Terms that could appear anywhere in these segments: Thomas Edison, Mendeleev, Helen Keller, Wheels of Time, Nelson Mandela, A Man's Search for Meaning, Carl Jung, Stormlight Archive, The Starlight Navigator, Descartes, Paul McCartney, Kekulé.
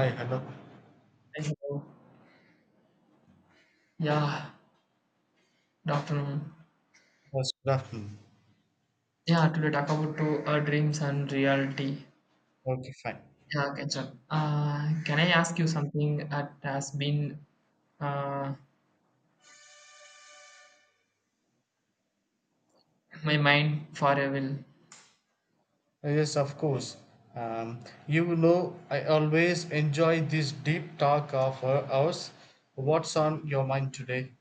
Hi, hello. Hey, hello. Yeah, good afternoon. Yes, good afternoon. Yeah, today talk about dreams and reality. Okay, fine. Yeah, catch up. Can I ask you something that has been uh, my mind for a while? Yes, of course. Um, I always enjoy this deep talk of ours. What's on your mind today?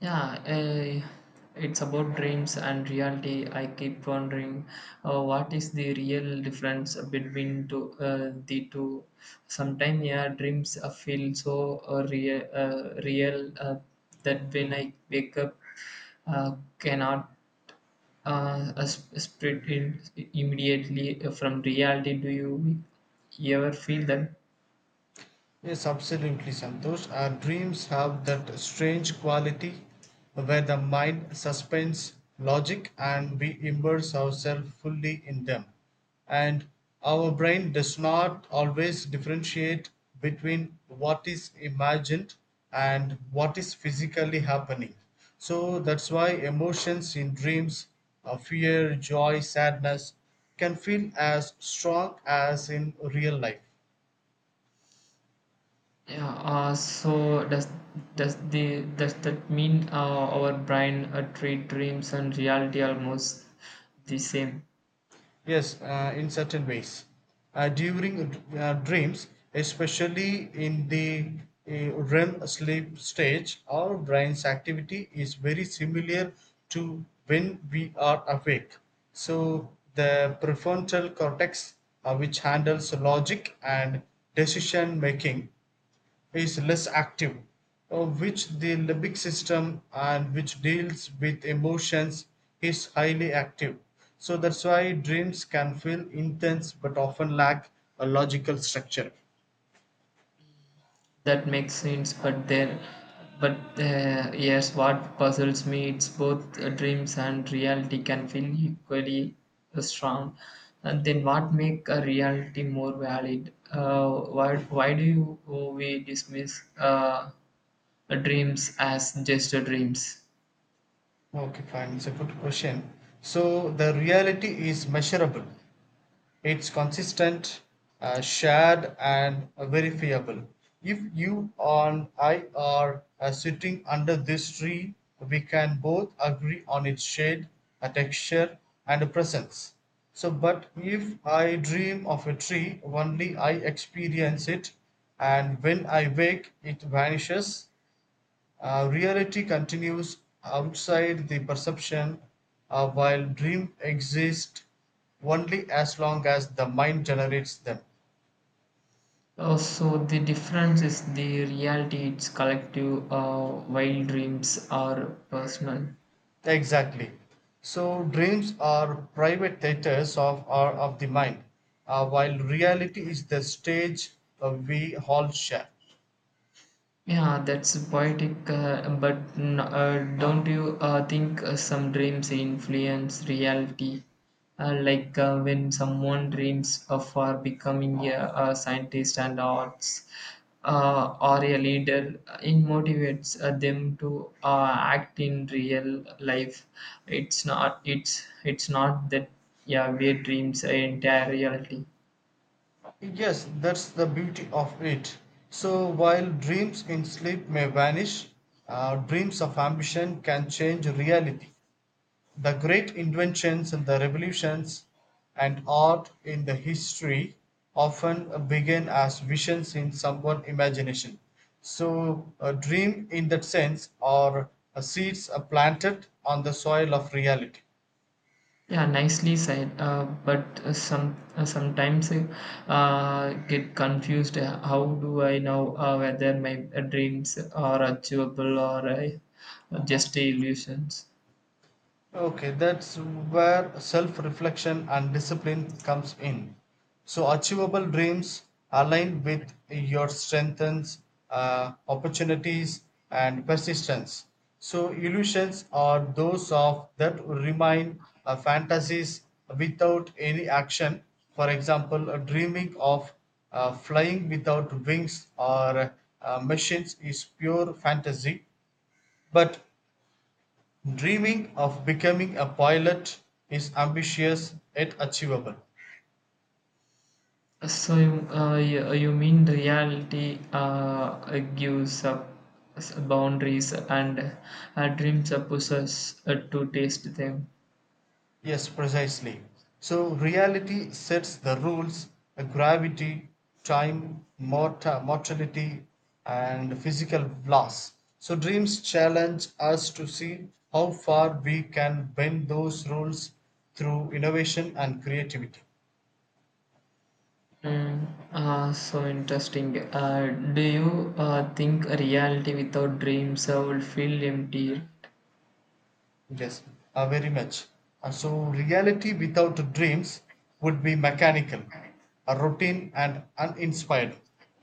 Yeah, it's about dreams and reality. I keep wondering what is the real difference between the two. Sometimes, yeah, dreams feel so real, that when I wake up, cannot split it immediately from reality. Do you ever feel that? Yes, absolutely, Santosh. Our dreams have that strange quality where the mind suspends logic and we immerse ourselves fully in them. And our brain does not always differentiate between what is imagined and what is physically happening. So that's why emotions in dreams, fear, joy, sadness, can feel as strong as in real life. Yeah, so does that mean our brain treat dreams and reality almost the same? Yes, in certain ways. During dreams, especially in the REM sleep stage, our brain's activity is very similar to when we are awake. So, the prefrontal cortex, which handles logic and decision making, is less active, which the limbic system and which deals with emotions is highly active. So that's why dreams can feel intense but often lack a logical structure. That makes sense, but then, but yes, what puzzles me it's both dreams and reality can feel equally strong. And then what make a reality more valid? Why we dismiss dreams as just dreams? Okay, fine, it's a good question. So the reality is measurable. It's consistent, shared, and verifiable. If you and I are sitting under this tree, we can both agree on its shade, texture, and a presence. So, but if I dream of a tree, only I experience it, and when I wake, it vanishes. Reality continues outside the perception, while dreams exist only as long as the mind generates them. So the difference is the reality, it's collective, while dreams are personal. Exactly. So dreams are private theaters of our of the mind, while reality is the stage we all share. Yeah, that's poetic, but don't you think some dreams influence reality? Like when someone dreams of becoming a scientist and arts or a leader, it motivates them to act in real life. It's not that, yeah, we dreams are entire reality. Yes, that's the beauty of it. So while dreams in sleep may vanish, dreams of ambition can change reality. The great inventions and the revolutions and art in the history often begin as visions in someone's imagination. So, a dream in that sense are seeds are planted on the soil of reality. Yeah, nicely said. But sometimes I get confused. How do I know whether my dreams are achievable or just illusions? Okay, that's where self reflection and discipline comes in. So, achievable dreams align with your strengths, opportunities, and persistence. So, illusions are those of that remain fantasies without any action. For example, dreaming of flying without wings or machines is pure fantasy, but dreaming of becoming a pilot is ambitious yet achievable. So you mean the reality gives up boundaries and dreams are pushes to taste them? Yes, precisely. So reality sets the rules, gravity, time, mortality, and physical loss. So dreams challenge us to see how far we can bend those rules through innovation and creativity. Mm, ah, so interesting. Do you think a reality without dreams will feel empty? Yes, very much. And so, reality without dreams would be mechanical, a routine, and uninspired.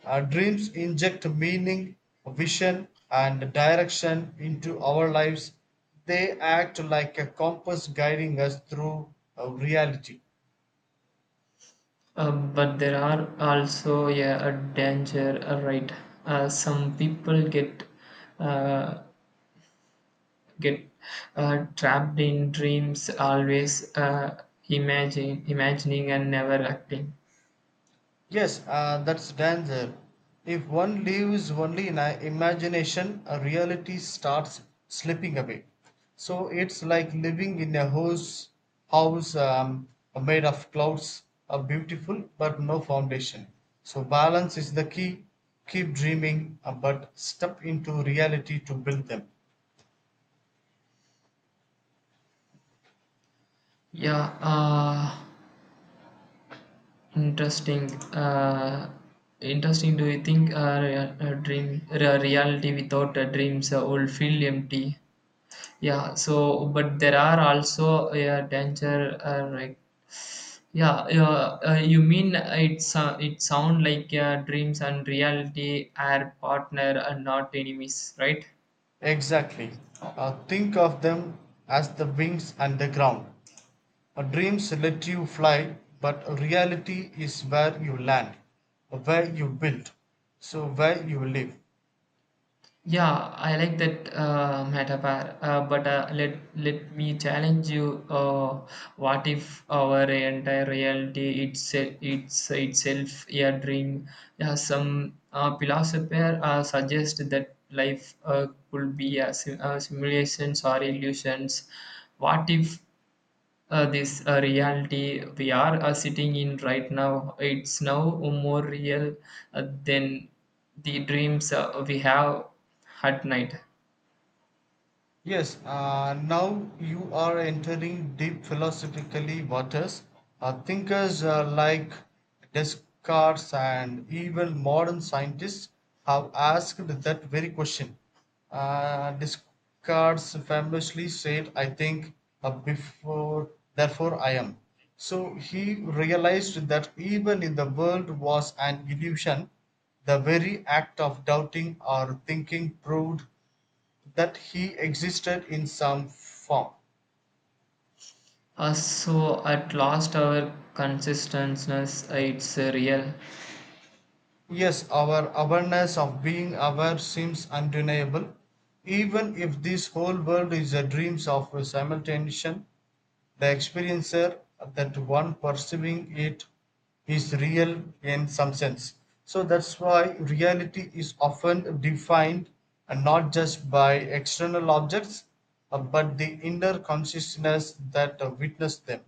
Dreams inject meaning, vision, and direction into our lives. They act like a compass guiding us through reality. But there are also, yeah, a danger, right? Some people uh, get trapped in dreams, always imagining and never acting. Yes, that's danger. If one lives only in a imagination, a reality starts slipping away. So it's like living in a house, house um, made of clouds, beautiful but no foundation. So balance is the key. Keep dreaming, but step into reality to build them. Yeah, interesting. Do you think a reality without a dreams will feel empty? Yeah. So, but there are also a danger. Like, yeah. You mean it sound like dreams and reality are partner and not enemies, right? Exactly. Think of them as the wings and the ground. Dreams let you fly, but reality is where you land, where you build, so where you live. Yeah, I like that metaphor, but let me challenge you. What if our entire reality it's itself a dream? Yeah, some philosopher suggest that life could be a simulations or illusions. What if this reality we are sitting in right now it's now more real than the dreams we have at night. Yes, now you are entering deep philosophically waters. Thinkers like Descartes and even modern scientists have asked that very question. Descartes famously said, I think, before, therefore I am. So he realized that even in the world was an illusion, the very act of doubting or thinking proved that he existed in some form. So at last our consistency it's real. Yes, our awareness of being aware seems undeniable. Even if this whole world is a dreams of a simultaneation, the experiencer, that one perceiving it, is real in some sense. So that's why reality is often defined not just by external objects, but the inner consciousness that witness them.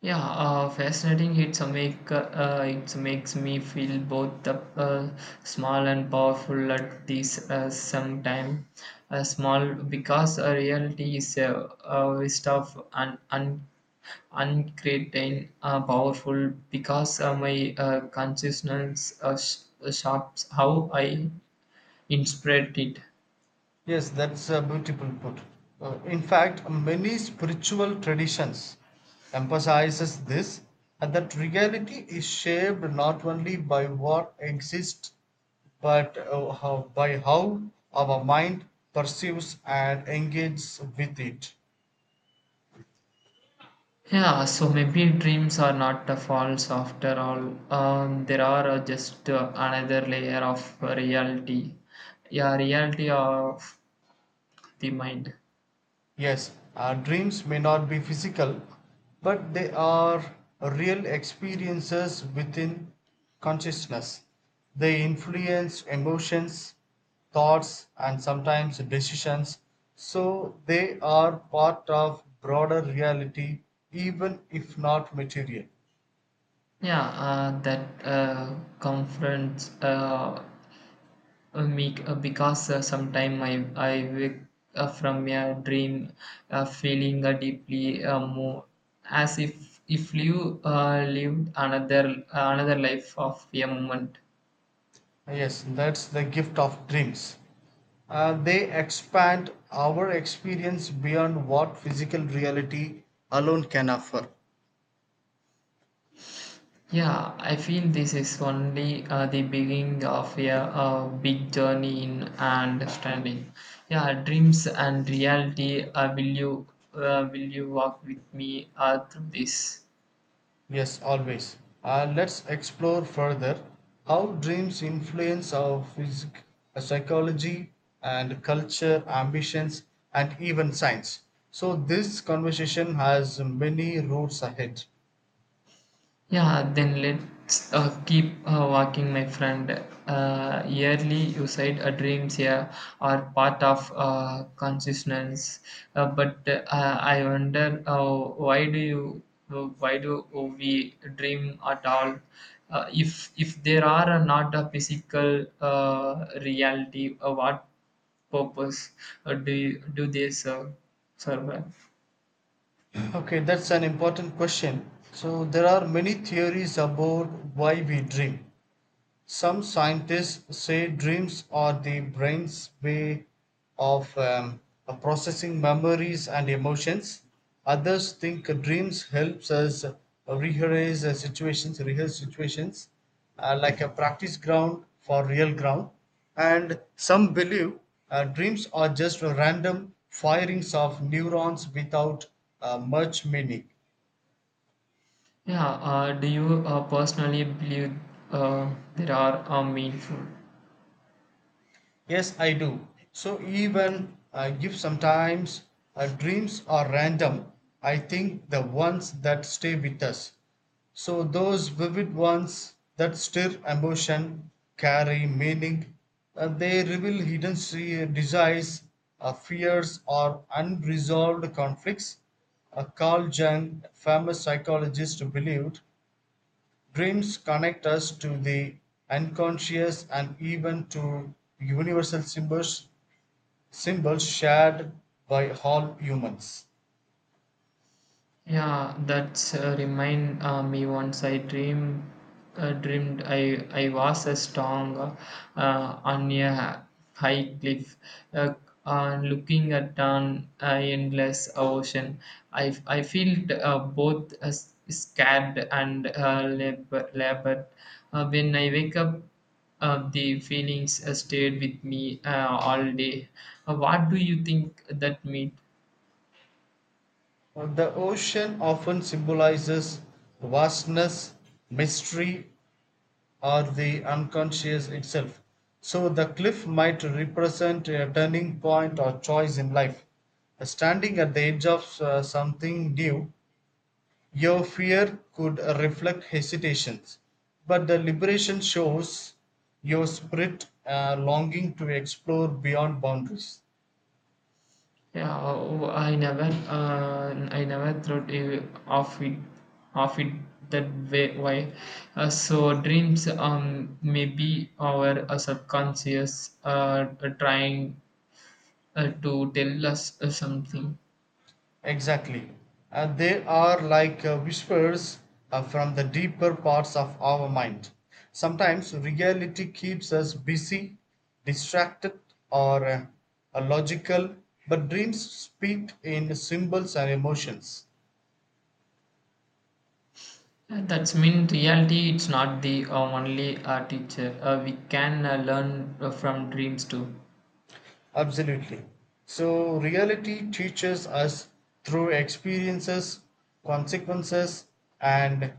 Yeah, fascinating. It makes me feel both the small and powerful at this same time. Small because a reality is a waste of an uncertain, powerful because my consciousness shapes how I interpret it. Yes, that's a beautiful put. In fact, many spiritual traditions emphasizes this and that reality is shaped not only by what exists but by how our mind perceives and engages with it. Yeah, so maybe dreams are not false after all. There are just another layer of reality. Yeah, reality of the mind. Yes, our dreams may not be physical, but they are real experiences within consciousness. They influence emotions, thoughts, and sometimes decisions, so they are part of broader reality, even if not material. Yeah, that confronts because sometimes I wake up from a dream feeling deeply more, as if you lived another life of a moment. Yes, that's the gift of dreams. They expand our experience beyond what physical reality alone can offer. Yeah, I feel this is only the beginning of a big journey in understanding. Yeah, dreams and reality. Will you walk with me through this? Yes, always. Let's explore further how dreams influence our psychology and culture, ambitions, and even science. So, this conversation has many roads ahead. Yeah, then let's keep walking, my friend. Yearly, you said dreams, yeah, are part of consciousness, but I wonder why do we dream at all? If there are not a physical reality, what purpose do they serve? Serve? Okay, that's an important question. So, there are many theories about why we dream. Some scientists say dreams are the brain's way of processing memories and emotions. Others think dreams helps us rehearse rehearse situations, like a practice ground for real ground. And some believe dreams are just random firings of neurons without much meaning. Yeah, do you personally believe there are meaningful? Yes, I do. So even if sometimes dreams are random, I think the ones that stay with us. So those vivid ones that stir emotion, carry meaning, they reveal hidden desires, fears, or unresolved conflicts. Carl Jung, famous psychologist, believed dreams connect us to the unconscious and even to universal symbols, symbols shared by all humans. Yeah, that's remind me, once I dreamed I was a strong on a high cliff, uh, looking at an endless ocean. I felt both scared and labored. When I wake up, the feelings stayed with me all day. What do you think that means? The ocean often symbolizes vastness, mystery, or the unconscious itself. So the cliff might represent a turning point or choice in life. Standing at the edge of something new, your fear could reflect hesitations, but the liberation shows your spirit longing to explore beyond boundaries. Yeah, oh, uh, I never thought of it, of it that way. Why? So dreams, maybe our subconscious, uh, trying to tell us something. Exactly. And they are like whispers from the deeper parts of our mind. Sometimes reality keeps us busy, distracted, or logical, but dreams speak in symbols and emotions. That's mean reality. It's not the only teacher. We can learn from dreams too. Absolutely. So, reality teaches us through experiences, consequences, and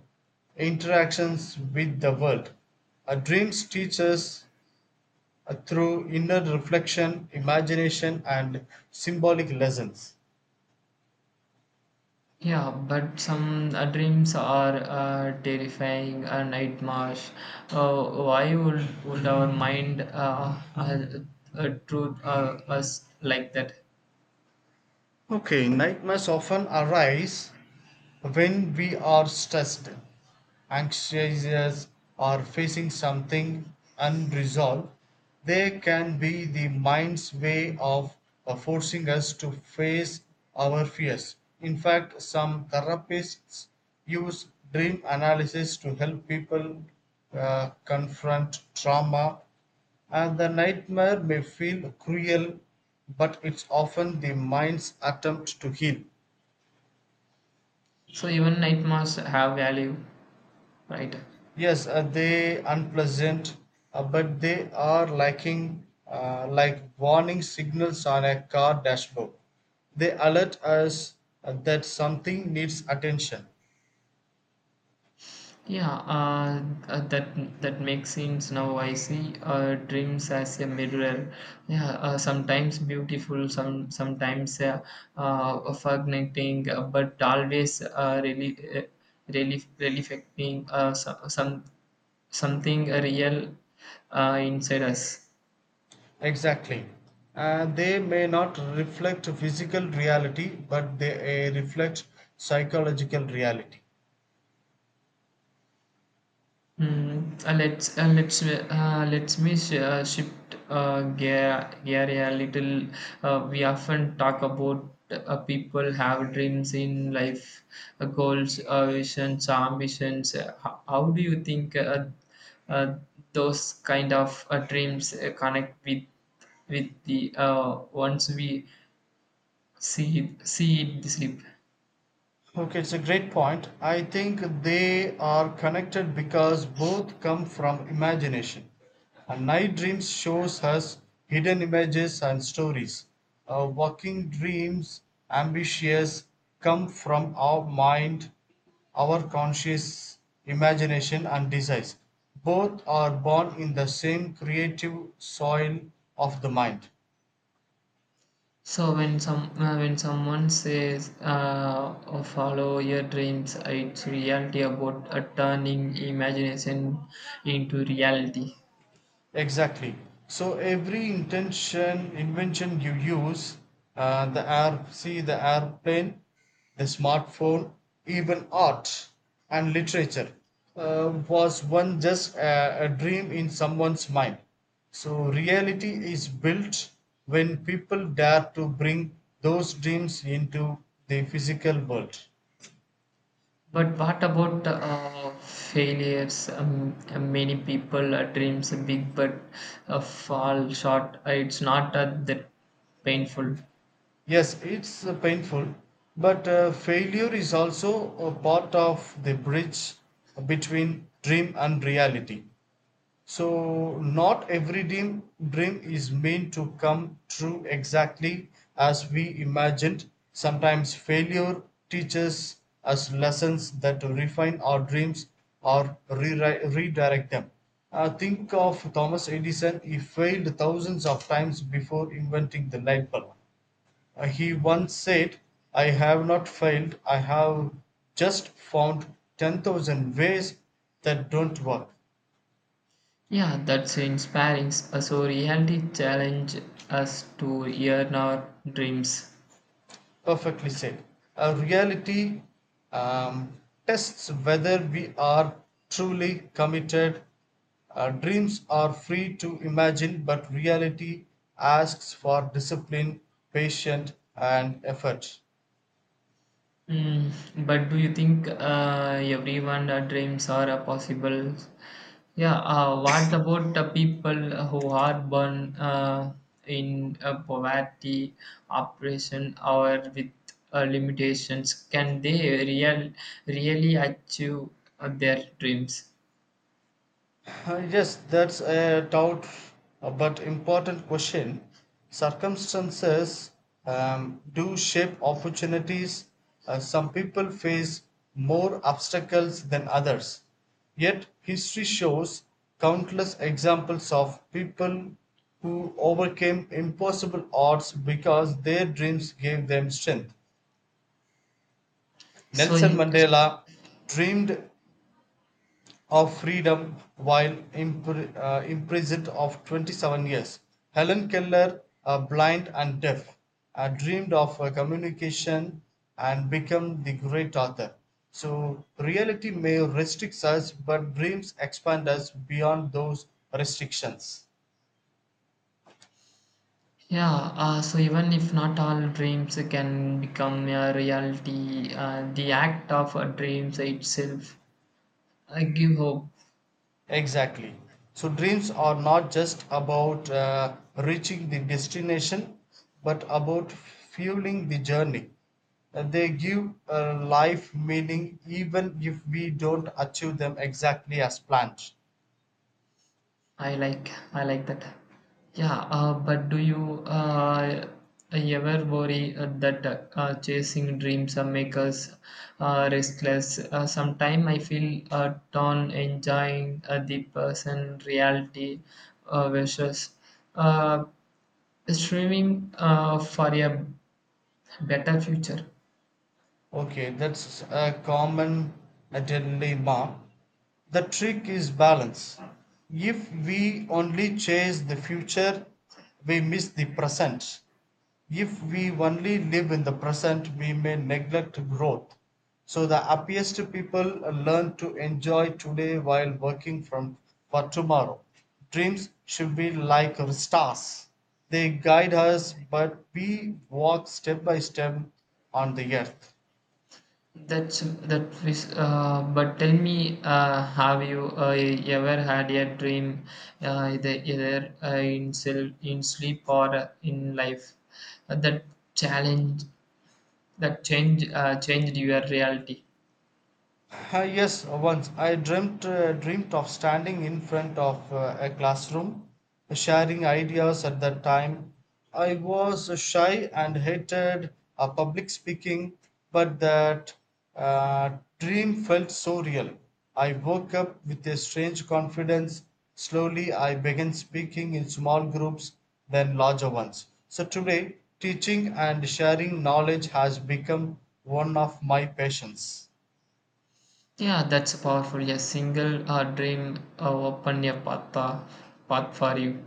interactions with the world. Our dreams teach us through inner reflection, imagination, and symbolic lessons. Yeah, but some dreams are terrifying nightmares. Why would our mind treat us like that? Okay, nightmares often arise when we are stressed, anxious, or facing something unresolved. They can be the mind's way of forcing us to face our fears. In fact, some therapists use dream analysis to help people confront trauma and the nightmare may feel cruel, but it's often the mind's attempt to heal. So even nightmares have value, right? Yes, they unpleasant, but they are like warning signals on a car dashboard. They alert us that something needs attention. Yeah, uh, that that makes sense now. I see dreams as a mirror. Yeah, sometimes beautiful, sometimes fascinating, but always really affecting, so, something real inside us. Exactly. They may not reflect physical reality, but they reflect psychological reality. Mm, let's me shift gear a little. We often talk about people have dreams in life, goals, visions, ambitions. How do you think uh, those kind of dreams connect with the ones we see it sleep? Okay, it's a great point. I think they are connected because both come from imagination. And night dreams shows us hidden images and stories. Walking dreams, ambitious, come from our mind, our conscious imagination and desires. Both are born in the same creative soil of the mind. So when someone says oh, follow your dreams, it's reality about turning imagination into reality. Exactly. So every intention, invention you use, the air, see the airplane, the smartphone, even art and literature, was one just a dream in someone's mind. So reality is built when people dare to bring those dreams into the physical world. But what about failures? Many people dreams big but fall short. It's not that painful. Yes, it's painful, but failure is also a part of the bridge between dream and reality. So, not every dream is meant to come true exactly as we imagined. Sometimes failure teaches us lessons that refine our dreams or redirect them. Think of Thomas Edison, he failed thousands of times before inventing the light bulb He once said, "I have not failed, I have just found 10,000 ways that don't work." Yeah, that's inspiring. So reality challenge us to yearn our dreams. Perfectly said. Reality um, tests whether we are truly committed. Dreams are free to imagine, but reality asks for discipline, patience, and effort. Mm, but do you think everyone dreams are possible? Yeah, what about the people who are born in poverty, oppression, or with limitations? Can they really achieve their dreams? Yes, that's a doubt but important question. Circumstances do shape opportunities. Some people face more obstacles than others. Yet, history shows countless examples of people who overcame impossible odds because their dreams gave them strength. So, Nelson Mandela dreamed of freedom while imprisoned of 27 years. Helen Keller, blind and deaf, dreamed of communication and became the great author. So, reality may restrict us, but dreams expand us beyond those restrictions. yeah, so even if not all dreams can become a reality, the act of dreams itself give hope. Exactly. So dreams are not just about reaching the destination, but about fueling the journey. They give life meaning even if we don't achieve them exactly as planned. I like that. Yeah, but do you ever worry that chasing dreams make us restless? Sometimes I feel torn enjoying the person reality versus uh, streaming for a better future. Okay, that's a common dilemma. The trick is balance. If we only chase the future, we miss the present. If we only live in the present, we may neglect growth. So, the happiest people learn to enjoy today while working from for tomorrow. Dreams should be like stars. They guide us, but we walk step by step on the earth. That is, but tell me, have you ever had a dream, in sleep or in life, that challenge that change changed your reality? Ah, yes, once I dreamt of standing in front of a classroom, sharing ideas. At that time, I was shy and hated public speaking, but that dream felt so real. I woke up with a strange confidence. Slowly, I began speaking in small groups, then larger ones. So today, teaching and sharing knowledge has become one of my passions. Yeah, that's powerful. A single dream opened a path for you.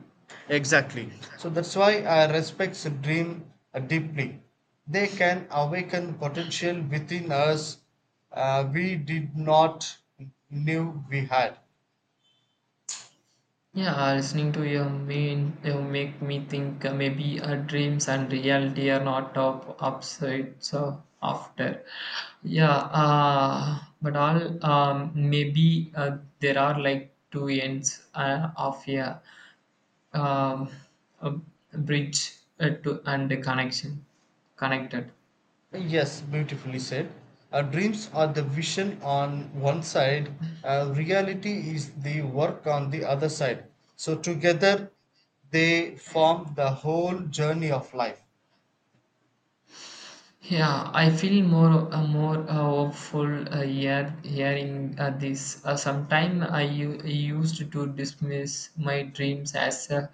Exactly. So that's why I respect dream deeply. They can awaken potential within us we did not knew we had. Yeah, listening to you make me think maybe dreams and reality are not up opposites after. Yeah, but all maybe there are like two ends of um, a bridge to and a connection connected. Yes, beautifully said. Our dreams are the vision on one side, reality is the work on the other side. So together they form the whole journey of life. Yeah, I feel more hopeful hearing this. Sometime I used to dismiss my dreams as uh,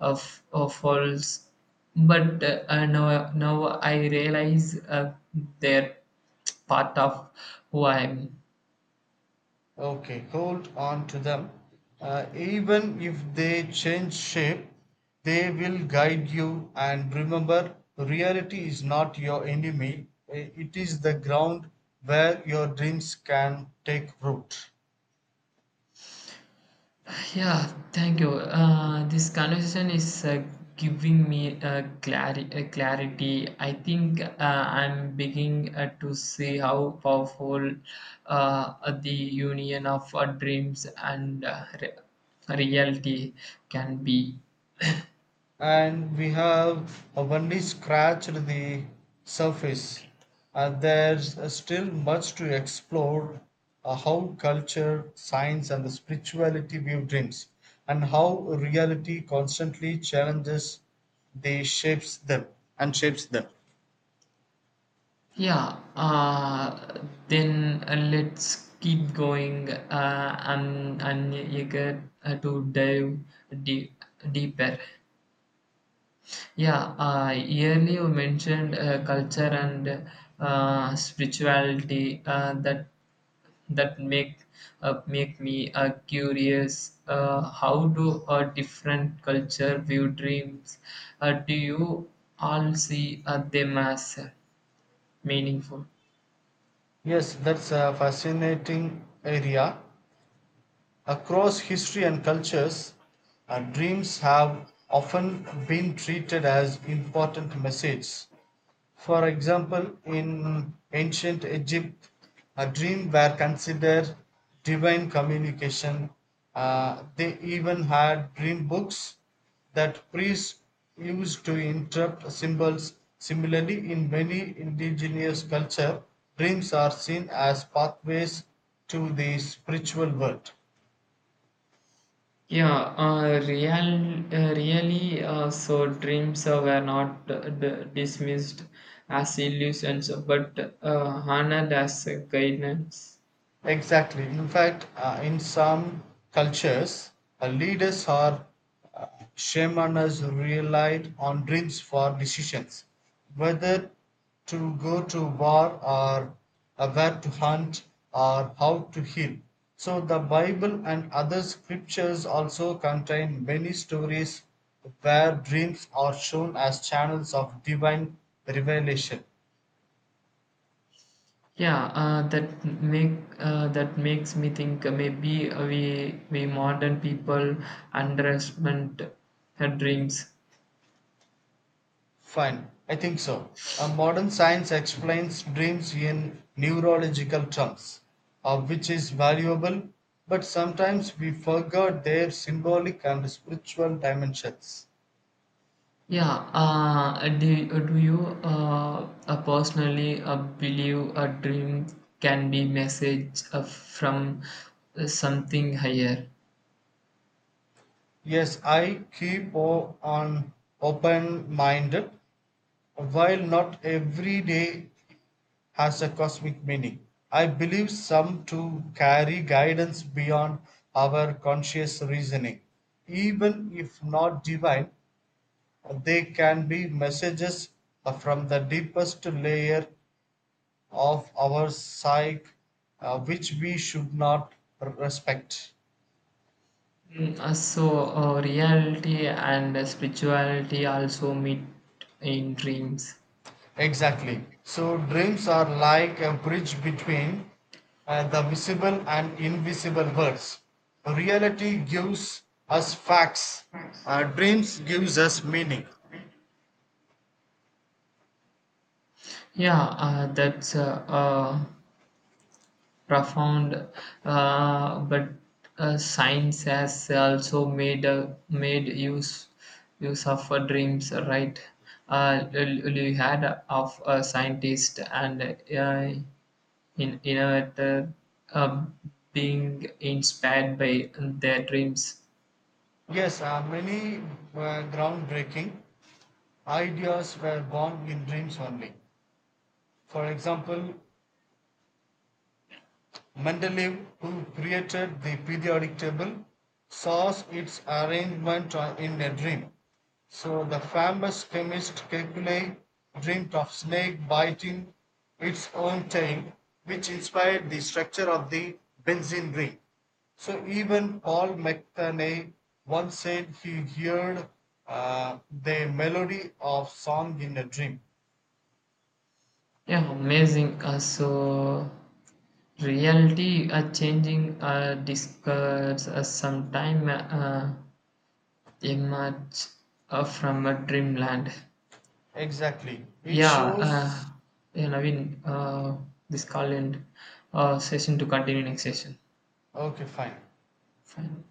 of, of false, but now I realize they're part of who I am. Okay, hold on to them. Even if they change shape, they will guide you. And remember, reality is not your enemy. It is the ground where your dreams can take root. Yeah, thank you. This conversation is giving me clarity. I think I'm beginning to see how powerful the union of dreams and reality can be. And we have only scratched the surface, and there's still much to explore how culture science and the spirituality view dreams and how reality constantly challenges they shapes them and shapes them. Yeah, then let's keep going. I'm eager to dive deep, deeper. Yeah, earlier you mentioned culture and spirituality that make me curious. How do a different culture view dreams? Do you all see them as meaningful? Yes, that's a fascinating area across history and cultures. Dreams have often been treated as important messages. For example, in ancient Egypt, a dream were considered divine communication. They even had dream books that priests used to interpret symbols. Similarly, in many indigenous cultures, dreams are seen as pathways to the spiritual world. Yeah, really, so dreams were not dismissed as illusions, but honored as guidance. Exactly. In fact, in some cultures, leaders or uh, shamans relied on dreams for decisions, whether to go to war or where to hunt or how to heal. So, the Bible and other scriptures also contain many stories where dreams are shown as channels of divine revelation. Yeah, that makes me think maybe we modern people underestimate her dreams. Fine, I think so. Modern science explains dreams in neurological terms, which is valuable, but sometimes we forget their symbolic and spiritual dimensions. Yeah, do you personally believe a dream can be message from something higher? Yes, I keep o- on open minded, while not every day has a cosmic meaning. I believe some to carry guidance beyond our conscious reasoning even if not divine. They can be messages from the deepest layer of our psyche which we should not respect. Mm, so reality and spirituality also meet in dreams. Exactly. So, dreams are like a bridge between the visible and invisible worlds. Reality gives us facts. Dreams gives us meaning. Yeah, that's profound, but science has also made use of dreams, right? You had of a scientist and in innovator uh, being inspired by their dreams. Yes, many groundbreaking ideas were born in dreams only. For example, Mendeleev, who created the periodic table, saw its arrangement in a dream. So the famous chemist Kekulé dreamed of snake biting its own tail, which inspired the structure of the benzene ring. So even Paul McCartney once said he heard the melody of song in a dream. Yeah, amazing. So reality changing discuss sometime emerge from a dreamland. Exactly. It Yeah, shows. yeah, Naveen, this call and session to continue next session. Okay, fine. Fine.